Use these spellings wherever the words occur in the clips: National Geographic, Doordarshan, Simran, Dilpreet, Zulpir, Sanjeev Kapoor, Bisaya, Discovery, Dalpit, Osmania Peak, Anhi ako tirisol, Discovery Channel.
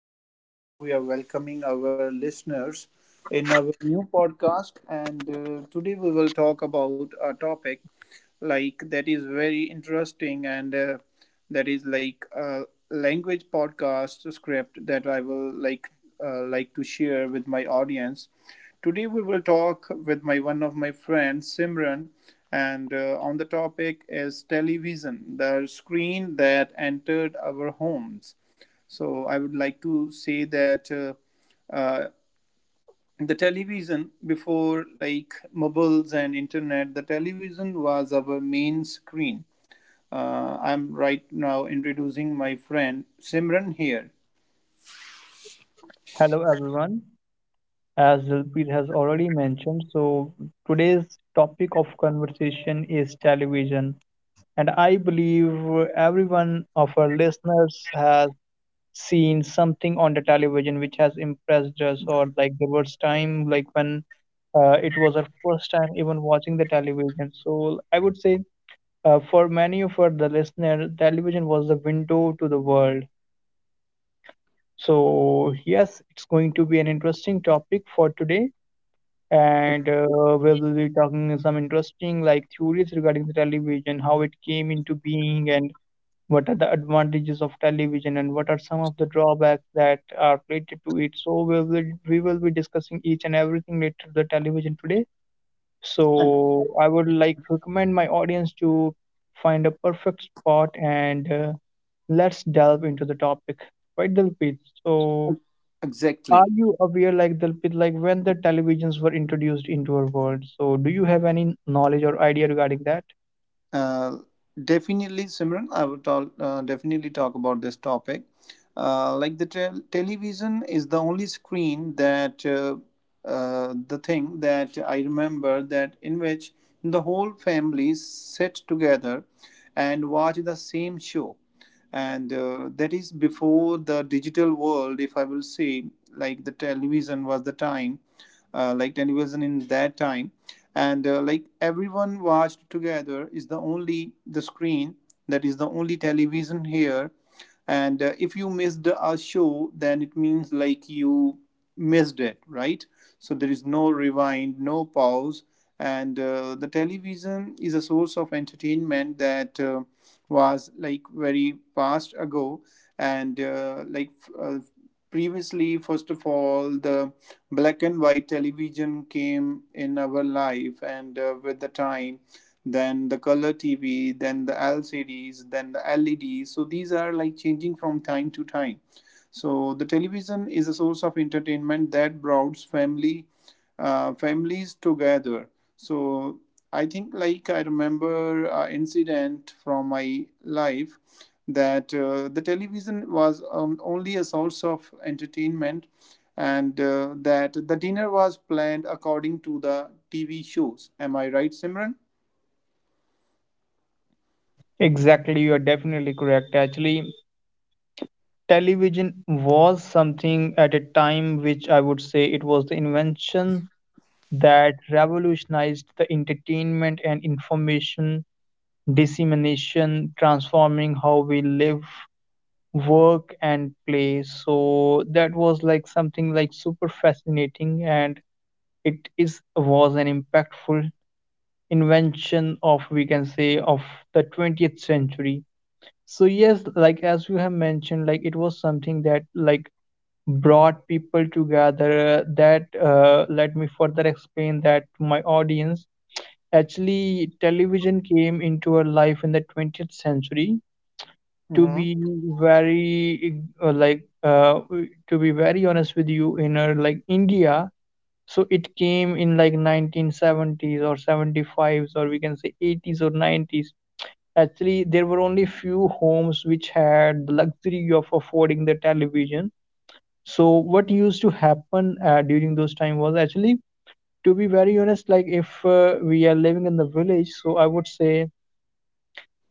And Today we are welcoming our listeners in our new podcast. And Today we will talk about a topic that is very interesting and that is like a language podcast script that I will like to share with my audience. Today we will talk with my one of my friends Simran, and on the topic is television, the screen that entered our homes. So I would like to say that uh, the television before like mobiles and internet, the television was our main screen. I'm right now introducing my friend Simran here. Hello everyone. As Zulpir has already mentioned, so today's topic of conversation is television. And I believe everyone of our listeners has seen something on the television which has impressed us, or like the first time, like when it was our first time even watching the television. So I would say for many of our the listener, television was the window to the world. So yes, it's going to be an interesting topic for today and we'll be talking some interesting like theories regarding the television, how it came into being, and what are the advantages of television, and what are some of the drawbacks that are related to it. So we will be discussing each and everything related to the television today. So I would like to recommend my audience to find a perfect spot and let's delve into the topic. Right, Dilpreet? So are Exactly. you aware, like Dalpit, like when the televisions were introduced into our world? So, do you have any knowledge or idea regarding that? Uh, Definitely, Simran, I would talk, definitely talk about this topic. Like the television is the only screen that the thing that I remember that in which the whole family sit together and watch the same show. And That is before the digital world, if I will say, like the television was the time, like television in that time. And Like everyone watched together is the only the screen, that is the only television here. And If you missed a show, then it means like you missed it, right? So there is no rewind, no pause. And The television is a source of entertainment that was like very past ago. And like uh, Previously, first of all, the black and white television came in our life, and with the time, then the color TV, then the LCDs, then the LEDs. So these are like changing from time to time. So the television is a source of entertainment that brought family families together. So I think like I remember an incident from my life, that the television was only a source of entertainment, and that the dinner was planned according to the TV shows. Am I right, Simran? Exactly, you are definitely correct. Actually, television was something at a time which I would say it was the invention that revolutionized the entertainment and information dissemination, transforming how we live, work, and play. So that was like something like super fascinating and it is was an impactful invention of we can say of the 20th century. So yes, like as you have mentioned, like it was something that like brought people together. That Let me further explain that to my audience. Actually, television came into our life in the 20th century. To Mm-hmm. be very uh, like uh, to be very honest with you, in our like India, so it came in like 1970s or 75s, or we can say 80s or 90s. Actually, there were only few homes which had the luxury of affording the television. So what used to happen during those time was, actually, to be very honest, like if we are living in the village, so I would say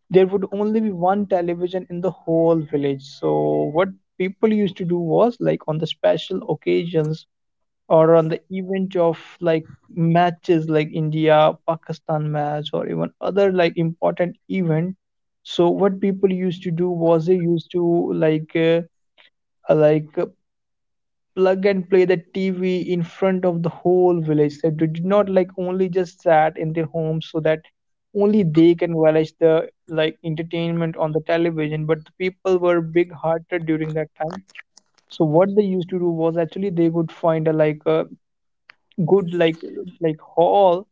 there would only be one television in the whole village. So what people used to do was like on the special occasions or on the event of like matches like India Pakistan match, or even other like important event. So what people used to do was they used to like uh, like uh, plug and play the TV in front of the whole village, so they did not like only just sat in their homes so that only they can watch the like entertainment on the television. But the people were big hearted during that time. So what they used to do was actually they would find a like a good like hall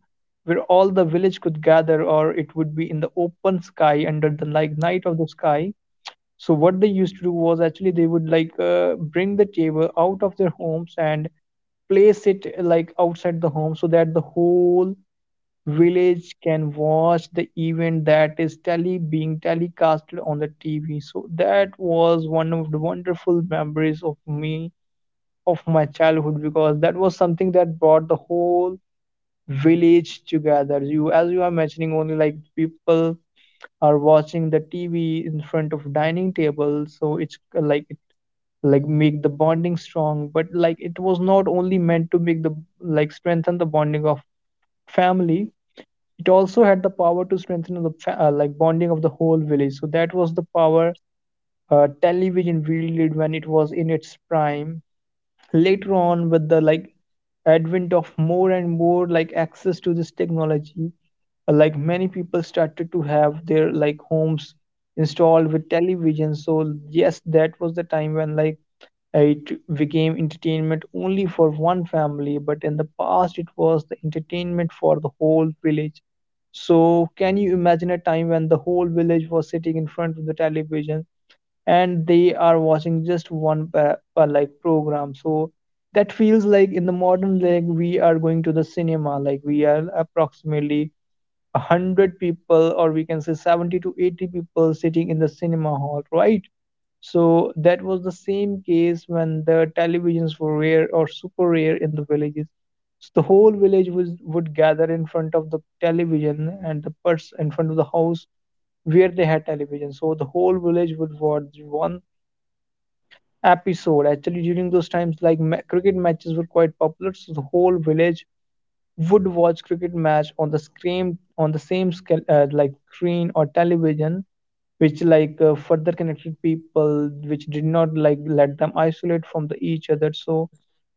where all the village could gather, or it would be in the open sky under the like night of the sky. So what they used to do was actually they would like bring the table out of their homes and place it like outside the home, so that the whole village can watch the event that is tele being telecasted on the TV. So that was one of the wonderful memories of me, of my childhood, because that was something that brought the whole village together. You, as you are mentioning, only like people are watching the TV in front of dining table, so it's like it like make the bonding strong, but like it was not only meant to make the like strengthen the bonding of family. It also had the power to strengthen the like bonding of the whole village. So that was the power television wielded when it was in its prime. Later on, with the like advent of more and more like access to this technology, like many people started to have their like homes installed with television. So yes, that was the time when like it became entertainment only for one family, but in the past it was the entertainment for the whole village. So can you imagine a time when the whole village was sitting in front of the television and they are watching just one like program? So that feels like in the modern, like we are going to the cinema, like we are approximately 100 people, or we can say 70 to 80 people sitting in the cinema hall, right? So that was the same case when the televisions were rare or super rare in the villages. So the whole village would gather in front of the television and the pers in front of the house where they had television. So the whole village would watch one episode. Actually, during those times, like cricket matches were quite popular, so the whole village would watch cricket match on the screen, on the same scale like screen or television, which like further connected people, which did not like let them isolate from the each other. So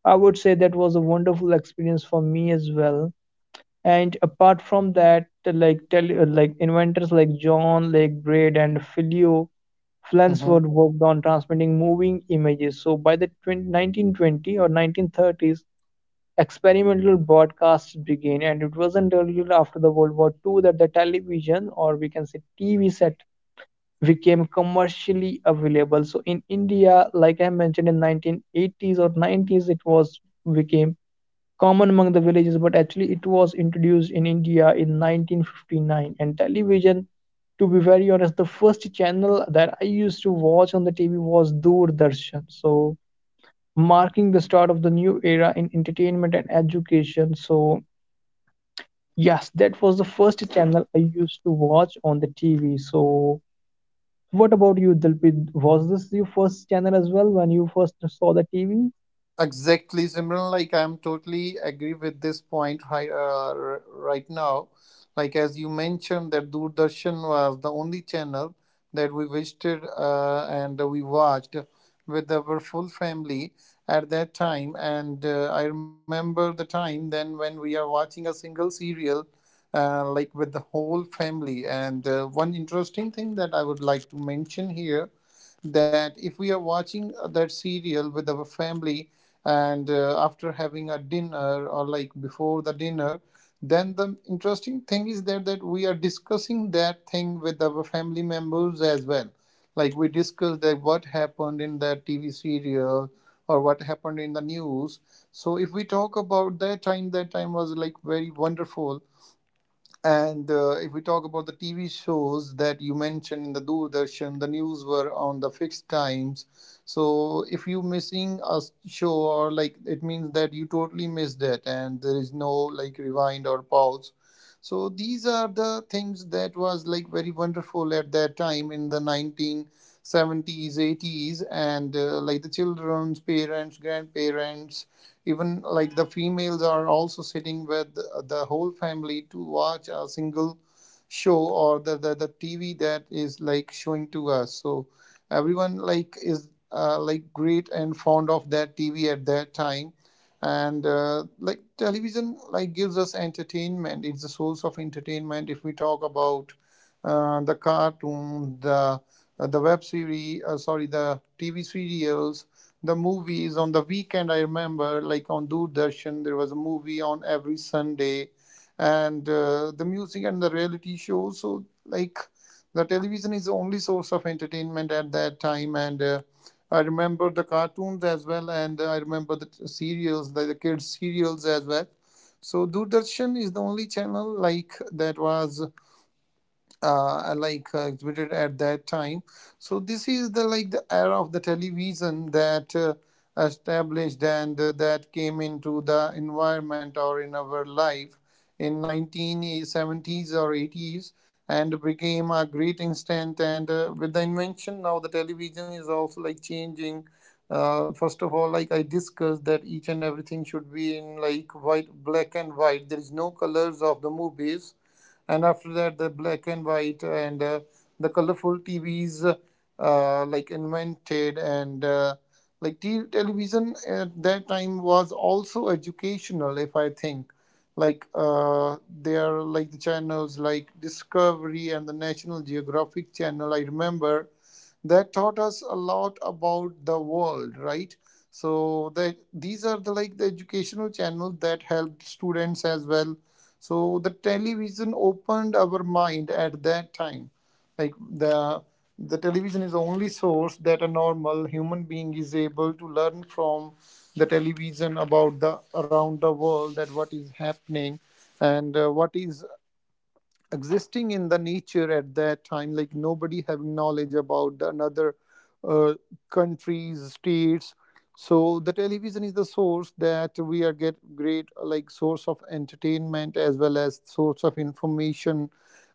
I would say that was a wonderful experience for me as well. And apart from that, like inventors like John, like Braid and Filio Mm-hmm. Flansford, worked on transmitting moving images. So by the 1920 or 1930s, experimental broadcasts began, and it wasn't until after the World War II that the television, or we can say TV set, became commercially available. So in India, like I mentioned, in 1980s or 90s, it was became common among the villages, but actually it was introduced in India in 1959. And television, to be very honest, the first channel that I used to watch on the TV was Doordarshan. So, marking the start of the new era in entertainment and education. So, yes, that was the first channel I used to watch on the TV. So, what about you, Dilpit? Was this your first channel as well when you first saw the TV? Exactly, Simran. Like I'm totally agree with this point right, right now. Like as you mentioned, that Doordarshan was the only channel that we visited and we watched with our full family at that time. And I remember the time then when we are watching a single serial, like with the whole family. And One interesting thing that I would like to mention here, that if we are watching that serial with our family, and after having a dinner or like before the dinner, then the interesting thing is that that we are discussing that thing with our family members as well. Like we discuss that what happened in that TV serial or what happened in the news. So if we talk about that time, that time was like very wonderful. And If we talk about the TV shows that you mentioned in the Doordarshan, the news were on the fixed times. So if you missing a show, or like it means that you totally missed it, and there is no like rewind or pause. So these are the things that was like very wonderful at that time in the 1970s, 80s, and like the children's parents, grandparents, even like the females are also sitting with the whole family to watch a single show or the, the TV that is like showing to us. So everyone like is like great and fond of that TV at that time. And Like television like gives us entertainment, it's the source of entertainment. If we talk about the cartoon, the web series, sorry, the TV serials, the movies on the weekend. I remember, like on Doordarshan, there was a movie on every Sunday, and the music and the reality shows. So, like, the television is the only source of entertainment at that time. And I remember the cartoons as well, and I remember the serials, the kids' serials as well. So, Doordarshan is the only channel like that was exhibited at that time. So this is the like the era of the television that established, and that came into the environment or in our life in 1970s or 80s, and became a great instant. And With the invention, now the television is also like changing. First of all, like I discussed, that each and everything should be in like white, black and white, there is no colors of the movies. And after that, the black and white, and the colorful TVs like invented. And Like t- television at that time was also educational, if I think. There are like the channels like Discovery and the National Geographic channel, I remember, that taught us a lot about the world, right? So that these are the like the educational channels that helped students as well. So the television opened our mind at that time. Like the television is the only source that a normal human being is able to learn from the television about the around the world, that what is happening, and what is existing in the nature at that time. Like nobody having knowledge about the another uh, countries, states. So the television is the source that we are get great like source of entertainment as well as source of information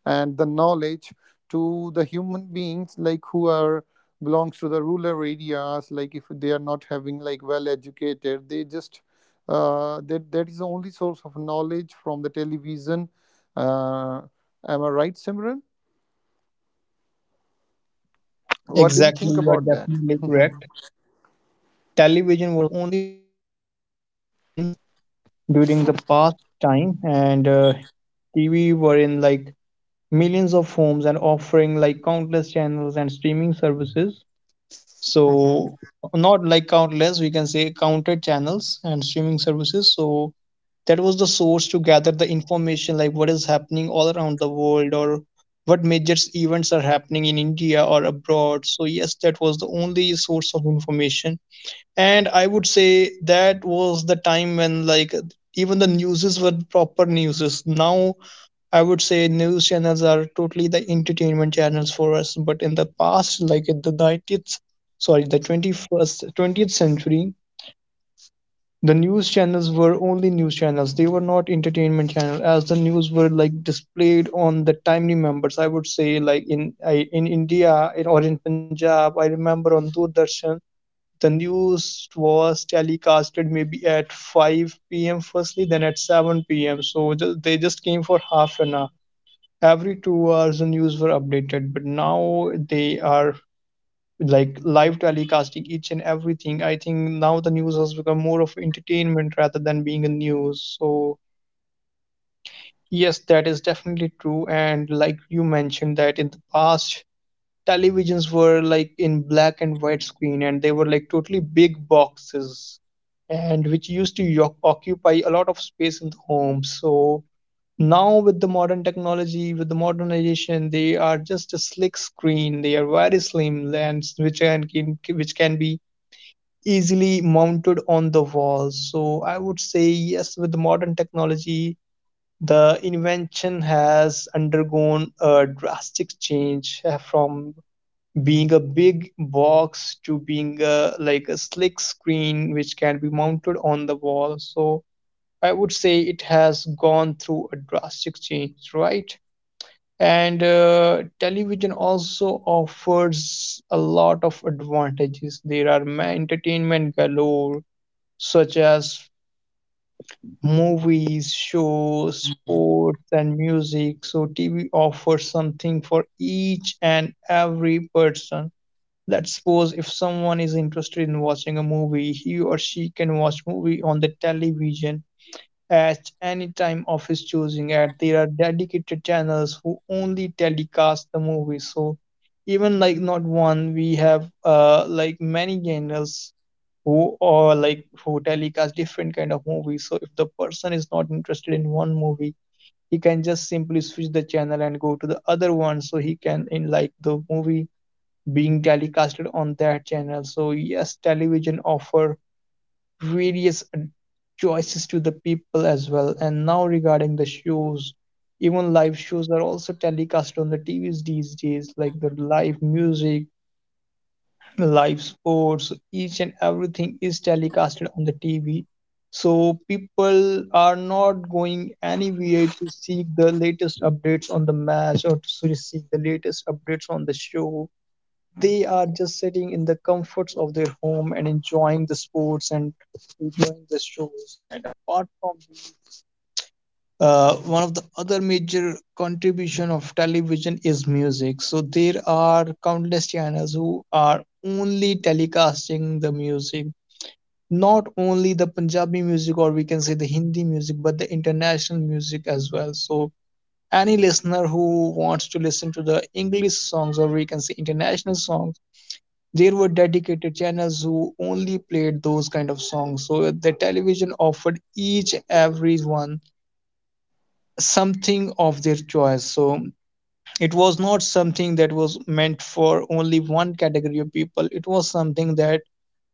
and the knowledge to the human beings, like who are belongs to the rural areas, like if they are not having like well educated, they just that is the only source of knowledge from the television. uh, Am I right, Simran? What do you think Exactly, you are about that? definitely correct. Television was the only source of information during the past time. And TV were in like millions of homes and offering like countless channels and streaming services. So not like countless, we can say counted channels and streaming services. So that was the source to gather the information, like what is happening all around the world, or what major events are happening in India or abroad. So yes, that was the only source of information. And I would say that was the time when like even the newses were proper newses. Now I would say news channels are totally the entertainment channels for us. But in the past, like in the 19th, sorry, the 21st, 20th century, the news channels were only news channels. They were not entertainment channels, as the news were like displayed on the timely members. I would say like in I, in India in, or in Punjab, I remember on Doordarshan, the news was telecasted maybe at 5 p.m. firstly, then at 7 p.m. So they just came for half an hour. Every 2 hours, the news were updated, but now they are like live telecasting each and everything. I think now the news has become more of entertainment rather than being a news. So yes, that is definitely true. And like you mentioned, that in the past, televisions were like in black and white screen and they were like totally big boxes, and which used to occupy a lot of space in the home. So now with the modern technology, with the modernization, they are just a slick screen, they are very slim lens which which can be easily mounted on the wall. So I would say yes, with the modern technology, the invention has undergone a drastic change from being a big box to being a like a slick screen which can be mounted on the wall. So I would say it has gone through a drastic change, right? And television also offers a lot of advantages. There are entertainment galore, such as movies, shows, sports and music. So TV offers something for each and every person. Let's suppose if someone is interested in watching a movie, he or she can watch movie on the television at any time of his choosing. And there are dedicated channels who only telecast the movie. So even like not one, we have like many channels who or like who telecast different kind of movies. So if the person is not interested in one movie, he can just simply switch the channel and go to the other one, so he can in like the movie being telecasted on that channel. So yes, television offer various choices to the people as well. And now regarding the shows, even live shows are also telecast on the TVs these days, like the live music, live sports, each and everything is telecasted on the TV. So people are not going anywhere to seek the latest updates on the match or to seek the latest updates on the show, they are just sitting in the comforts of their home and enjoying the sports and enjoying the shows. And apart from these, one of the other major contribution of television is music. So there are countless channels who are only telecasting the music. Not only the Punjabi music, or we can say the Hindi music, but the international music as well. So, any listener who wants to listen to the English songs, or we can say international songs, there were dedicated channels who only played those kind of songs. So the television offered each and every one something of their choice. So it was not something that was meant for only one category of people, it was something that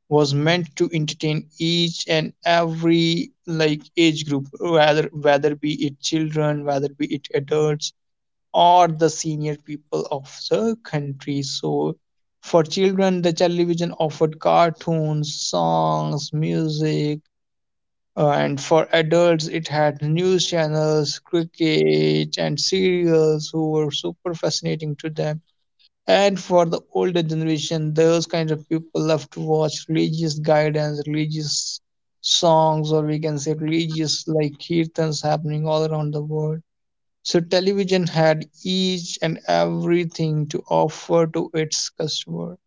was meant to entertain each and every like age group, whether be it children, whether be it adults, or the senior people of the country. So, for children, the television offered cartoons, songs, music, and for adults, it had news channels, cricket, and serials who were super fascinating to them. And for the older generation, those kinds of people love to watch religious guidance, religious songs, or we can say religious like kirtans happening all around the world. So television had each and everything to offer to its customer.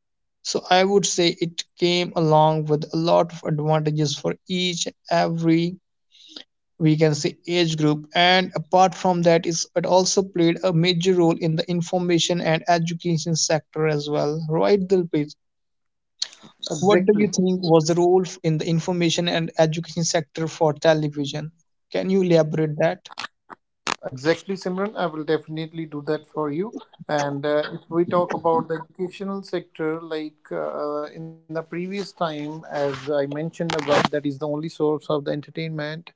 So I would say it came along with a lot of advantages for each and every, we can say, age group. And apart from that is it also played a major role in the information and education sector as well, right Dilpreet? What do you Exactly, think was the role in the information and education sector for television? Can you elaborate that? exactly, Simran. I will definitely do that for you. And If we talk about the educational sector, in the previous time, as I mentioned, about that is the only source of the entertainment,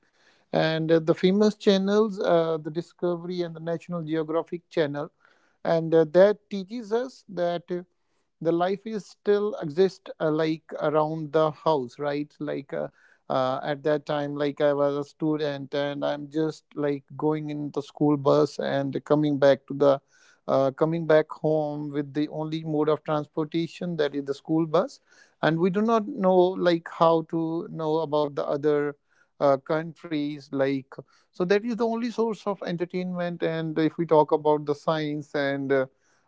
and the famous channels, the Discovery and the National Geographic channel, and that teaches us that. The life is still exist like around the house, right? At that time, like I was a student and I'm just like going in the school bus and coming back to the, coming back home, with the only mode of transportation that is the school bus. And we do not know like how to know about the other countries like. So that is the only source of entertainment. And if we talk about the science, and uh,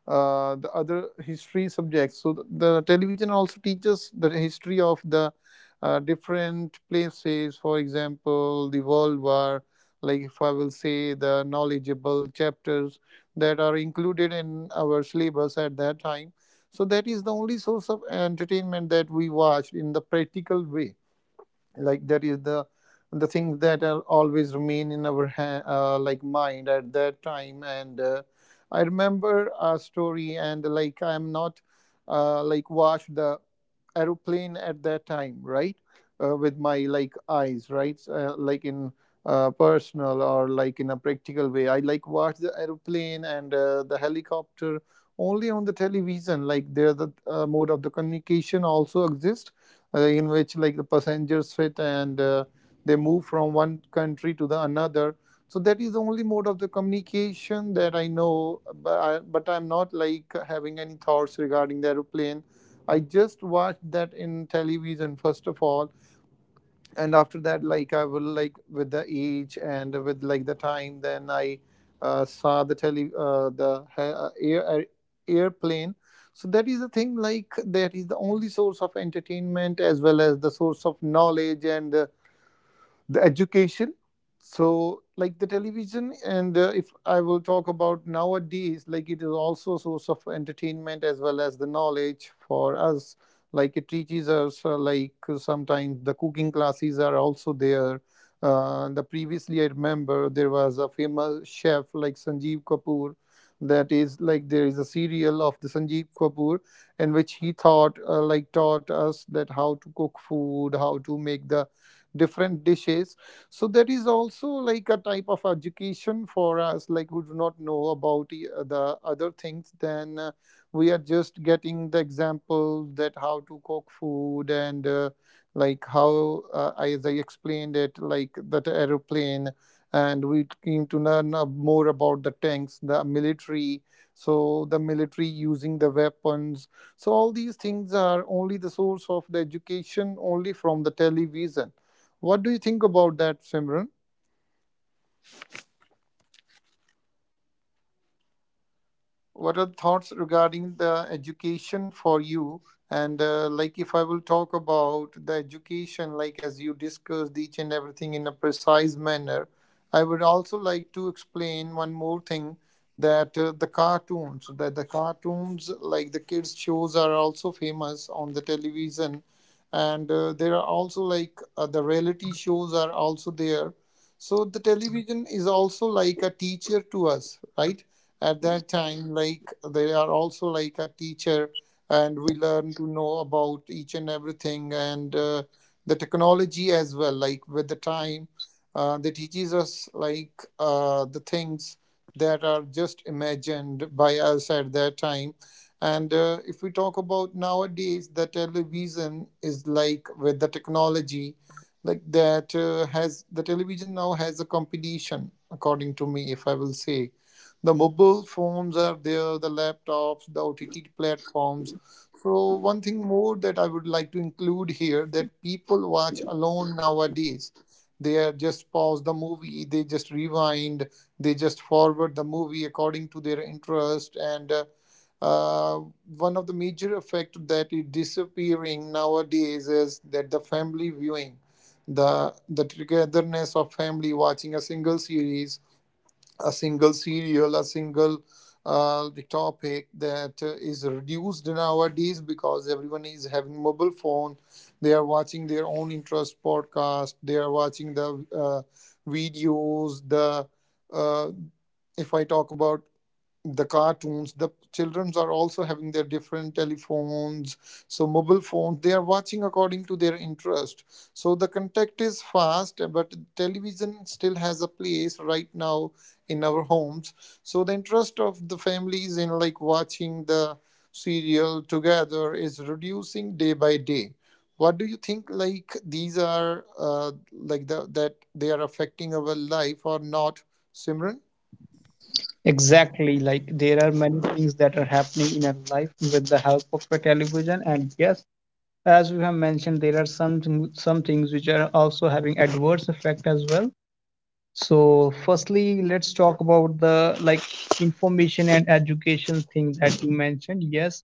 uh, the other history subjects. So the television also teaches the history of the different places. For example, the World War, like if I will say the knowledgeable chapters that are included in our syllabus at that time. So that is the only source of entertainment that we watched in the practical way. Like that is the thing that are always remain in our like mind at that time. And I remember a story. And like I'm not like watched the aeroplane at that time, right? With my like eyes, right? Like in Personal or like in a practical way, I like watch the aeroplane and the helicopter only on the television. Like there, the mode of the communication also exists, in which like the passengers fit, and they move from one country to the another. So that is the only mode of the communication that I know. But, but I'm not like having any thoughts regarding the aeroplane. I just watched that in television first of all. And after that, like I will like with the age and with like the time, then I saw the tele the air air- airplane. So that is the thing. Like that is the only source of entertainment as well as the source of knowledge and the education. So like the television. And If I will talk about nowadays, like it is also a source of entertainment as well as the knowledge for us. Like it teaches us, sometimes the cooking classes are also there. The previously, I remember there was a famous chef like Sanjeev Kapoor. That is like there is a serial of the Sanjeev Kapoor in which he thought, taught us that how to cook food, how to make the different dishes. So that is also like a type of education for us, like who do not know about the other things. Then We are just getting the example that how to cook food. And uh, like how uh, as I explained it, like that aeroplane, and we came to learn more about the tanks, the military. So the military using the weapons. So all these things are only the source of the education only from the television. What do you think about that, Simran? What are thoughts regarding the education for you? And like if I will talk about the education, like as you discussed each and everything in a precise manner, I would also like to explain one more thing, that the cartoons, that the cartoons like the kids shows are also famous on the television. And there are also the reality shows are also there. So the television is also like a teacher to us, right? At that time, like they are also like a teacher, and we learn to know about each and everything and The technology as well, like with the time, they teaches us the things that are just imagined by us at that time. And if we talk about nowadays, the television is like with the technology, like that has the television, now has a competition, according to me, if I will say. The mobile phones are there, the laptops, the OTT platforms. So, one thing more that I would like to include here, that people watch alone nowadays. They are just pause the movie, they just rewind, they just forward the movie according to their interest, and uh, one of the major effect that is disappearing nowadays is that the family viewing, the togetherness of family watching a single series, a single serial, a single, the topic that is reduced nowadays because everyone is having mobile phone. They are watching their own interest podcast. They are watching the videos. The uh, if I talk about the cartoons, the children are also having their different telephones, so mobile phones, they are watching according to their interest. So the contact is fast, but television still has a place right now in our homes. So the interest of the families in like watching the serial together is reducing day by day. What do you think, like these are like that they are affecting our life or not, Simran? Exactly, like there are many things that are happening in our life with the help of a television, and yes, as you have mentioned, there are some things which are also having adverse effect as well. So, firstly, let's talk about the like information and education thing that you mentioned. Yes,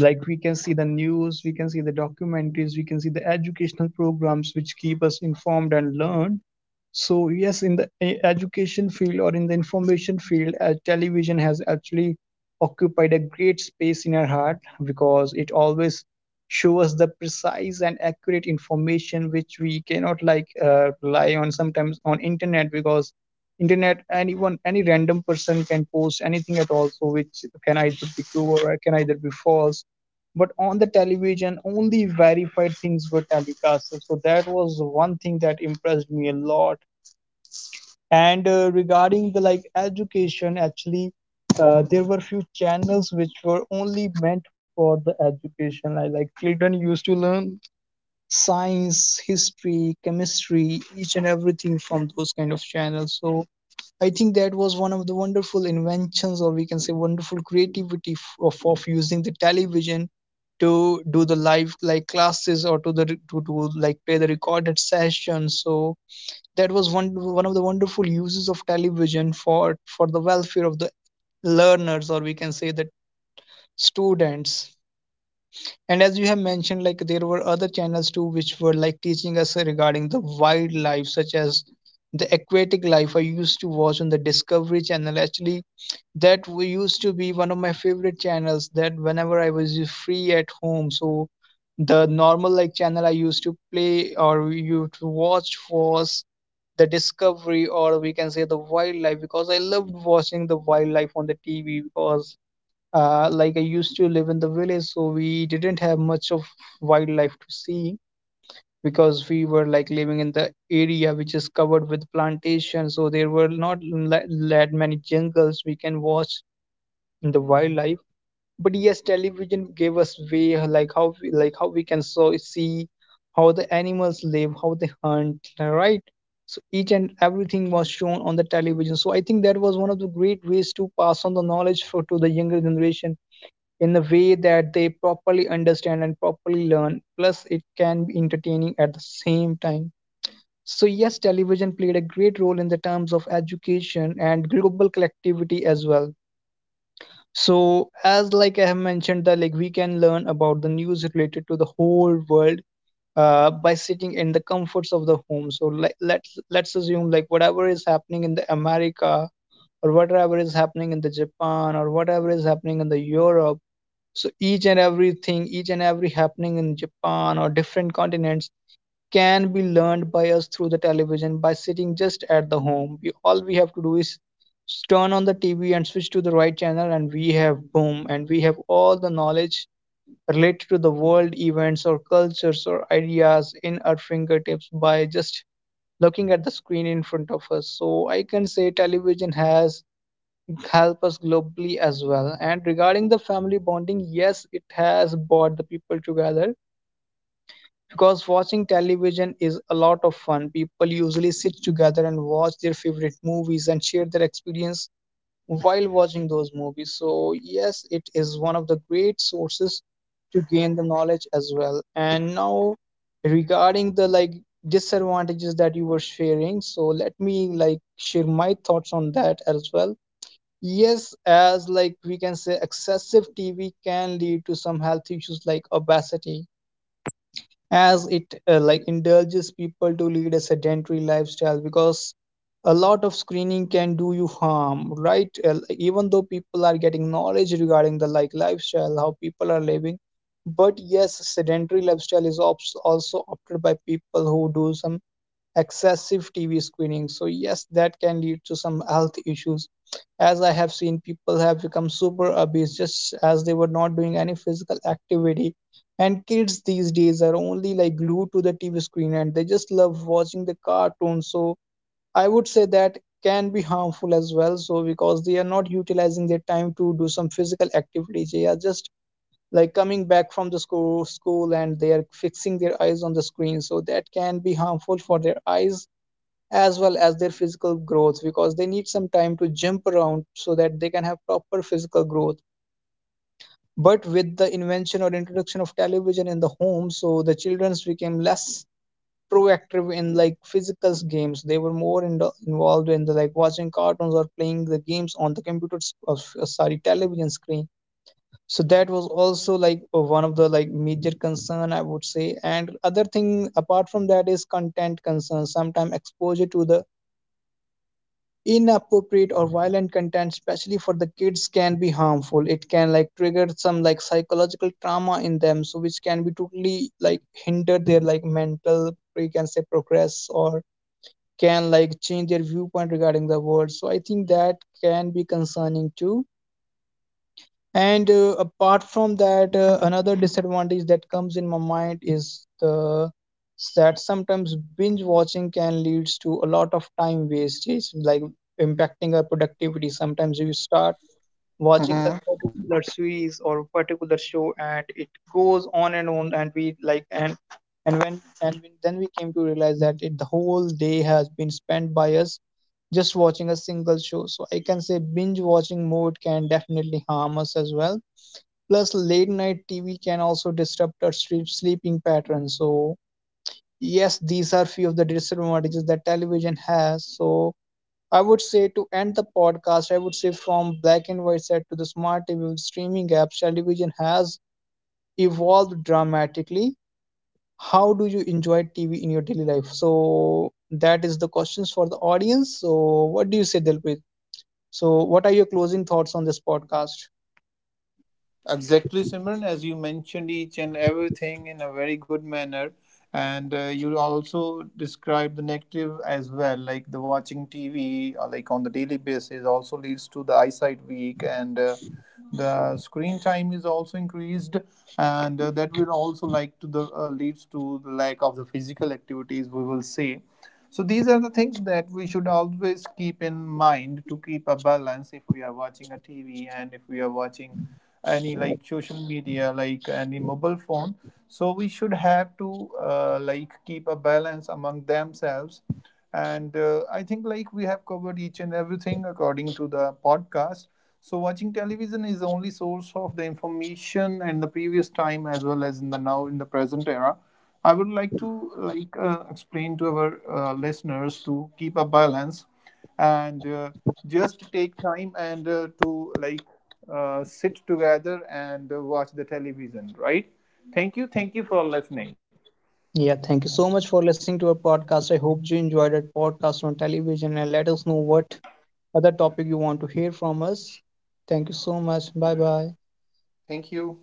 like we can see the news, we can see the documentaries, we can see the educational programs which keep us informed and learned. So yes, in the education field or in the information field, television has actually occupied a great space in our heart because it always shows us the precise and accurate information which we cannot like rely on sometimes on internet, because internet, anyone, any random person can post anything at all, so which can either be true or can either be false. But on the television only verified things were telecasted, so that was one thing that impressed me a lot. And regarding the like education, actually, there were few channels which were only meant for the education. I like children used to learn science, history, chemistry, each and everything from those kind of channels. So I think that was one of the wonderful inventions, or we can say wonderful creativity of using the television to do the live like classes or to do like play the recorded session. So that was one of the wonderful uses of television for the welfare of the learners, or we can say that students. And as you have mentioned, like there were other channels too, which were like teaching us regarding the wildlife, such as the aquatic life. I used to watch on the Discovery Channel. Actually, that used to be one of my favorite channels. That whenever I was free at home, so the normal like channel I used to play or you to watch was the Discovery, or we can say the wildlife, because I loved watching the wildlife on the TV. Because like I used to live in the village, so we didn't have much of wildlife to see, because we were like living in the area which is covered with plantation, so there were not that many jungles we can watch in the wildlife. But yes, television gave us way like how we can so see how the animals live, how they hunt, right? So each and everything was shown on the television. So I think that was one of the great ways to pass on the knowledge for to the younger generation in a way that they properly understand and properly learn, plus it can be entertaining at the same time. So yes, television played a great role in the terms of education and global collectivity as well. So as like I have mentioned that like we can learn about the news related to the whole world by sitting in the comforts of the home. So like let's assume like whatever is happening in the America, or whatever is happening in the Japan, or whatever is happening in the Europe, so each and everything, each and every happening in Japan or different continents, can be learned by us through the television by sitting just at the home. We all we have to do is turn on the TV and switch to the right channel, and we have boom, and we have all the knowledge related to the world events or cultures or ideas in our fingertips by just looking at the screen in front of us. So I can say television has helped us globally as well. And regarding the family bonding, yes, it has brought the people together, because watching television is a lot of fun. People usually sit together and watch their favorite movies and share their experience while watching those movies. So, yes, it is one of the great sources to gain the knowledge as well. And now, regarding the like disadvantages that you were sharing, so let me like share my thoughts on that as well. Yes, as like we can say, excessive TV can lead to some health issues like obesity, as it like indulges people to lead a sedentary lifestyle, because a lot of screening can do you harm, right? Like, even though people are getting knowledge regarding the like lifestyle, how people are living, but yes, sedentary lifestyle is also opted by people who do some excessive TV screening. So, yes, that can lead to some health issues. As I have seen, people have become super obese just as they were not doing any physical activity. And kids these days are only like glued to the TV screen and they just love watching the cartoons. So, I would say that can be harmful as well. So, because they are not utilizing their time to do some physical activity, they are just like coming back from the school and they are fixing their eyes on the screen, so that can be harmful for their eyes as well as their physical growth, because they need some time to jump around so that they can have proper physical growth. But with the invention or introduction of television in the home, so the childrens became less proactive in like physical games, they were more in the, involved in the like watching cartoons or playing the games on the sorry, television screen. So that was also like one of the like major concern, I would say. And other thing apart from that is content concern. Sometimes exposure to the inappropriate or violent content, especially for the kids, can be harmful. It can like trigger some like psychological trauma in them, so which can be totally like hinder their like mental, we can say, progress, or can like change their viewpoint regarding the world. So I think that can be concerning too. And apart from that, another disadvantage that comes in my mind is the that sometimes binge watching can lead to a lot of time wastage, like impacting our productivity. Sometimes you start watching a Mhm. particular series or particular show, and it goes on, and we then we came to realize that it, the whole day has been spent by us just watching a single show. So I can say binge watching mode can definitely harm us as well. Plus, late night TV can also disrupt our sleeping patterns. So, yes, these are few of the disadvantages that television has. So, I would say to end the podcast, I would say from black and white set to the smart TV with streaming apps, television has evolved dramatically. How do you enjoy TV in your daily life? So, that is the questions for the audience. So, what do you say, Dilpreet? So, what are your closing thoughts on this podcast? Exactly, Simran, as you mentioned each and everything in a very good manner, and you also described the negative as well, like the watching TV, like on the daily basis, also leads to the eyesight weak, and the screen time is also increased, and that will also like to the leads to the lack of the physical activities, we will see. So these are the things that we should always keep in mind, to keep a balance if we are watching a TV and if we are watching any like social media, like any mobile phone. So we should have to like keep a balance among themselves. And I think like we have covered each and everything according to the podcast. So watching television is the only source of the information and the previous time, as well as in the now in the present era. I would like to explain to our listeners to keep a balance, and just take time, and to like sit together and watch the television, right? Thank you, thank you for listening. Yeah, thank you so much for listening to our podcast. I hope you enjoyed our podcast on television and let us know what other topic you want to hear from us. Thank you so much. Bye bye. Thank you.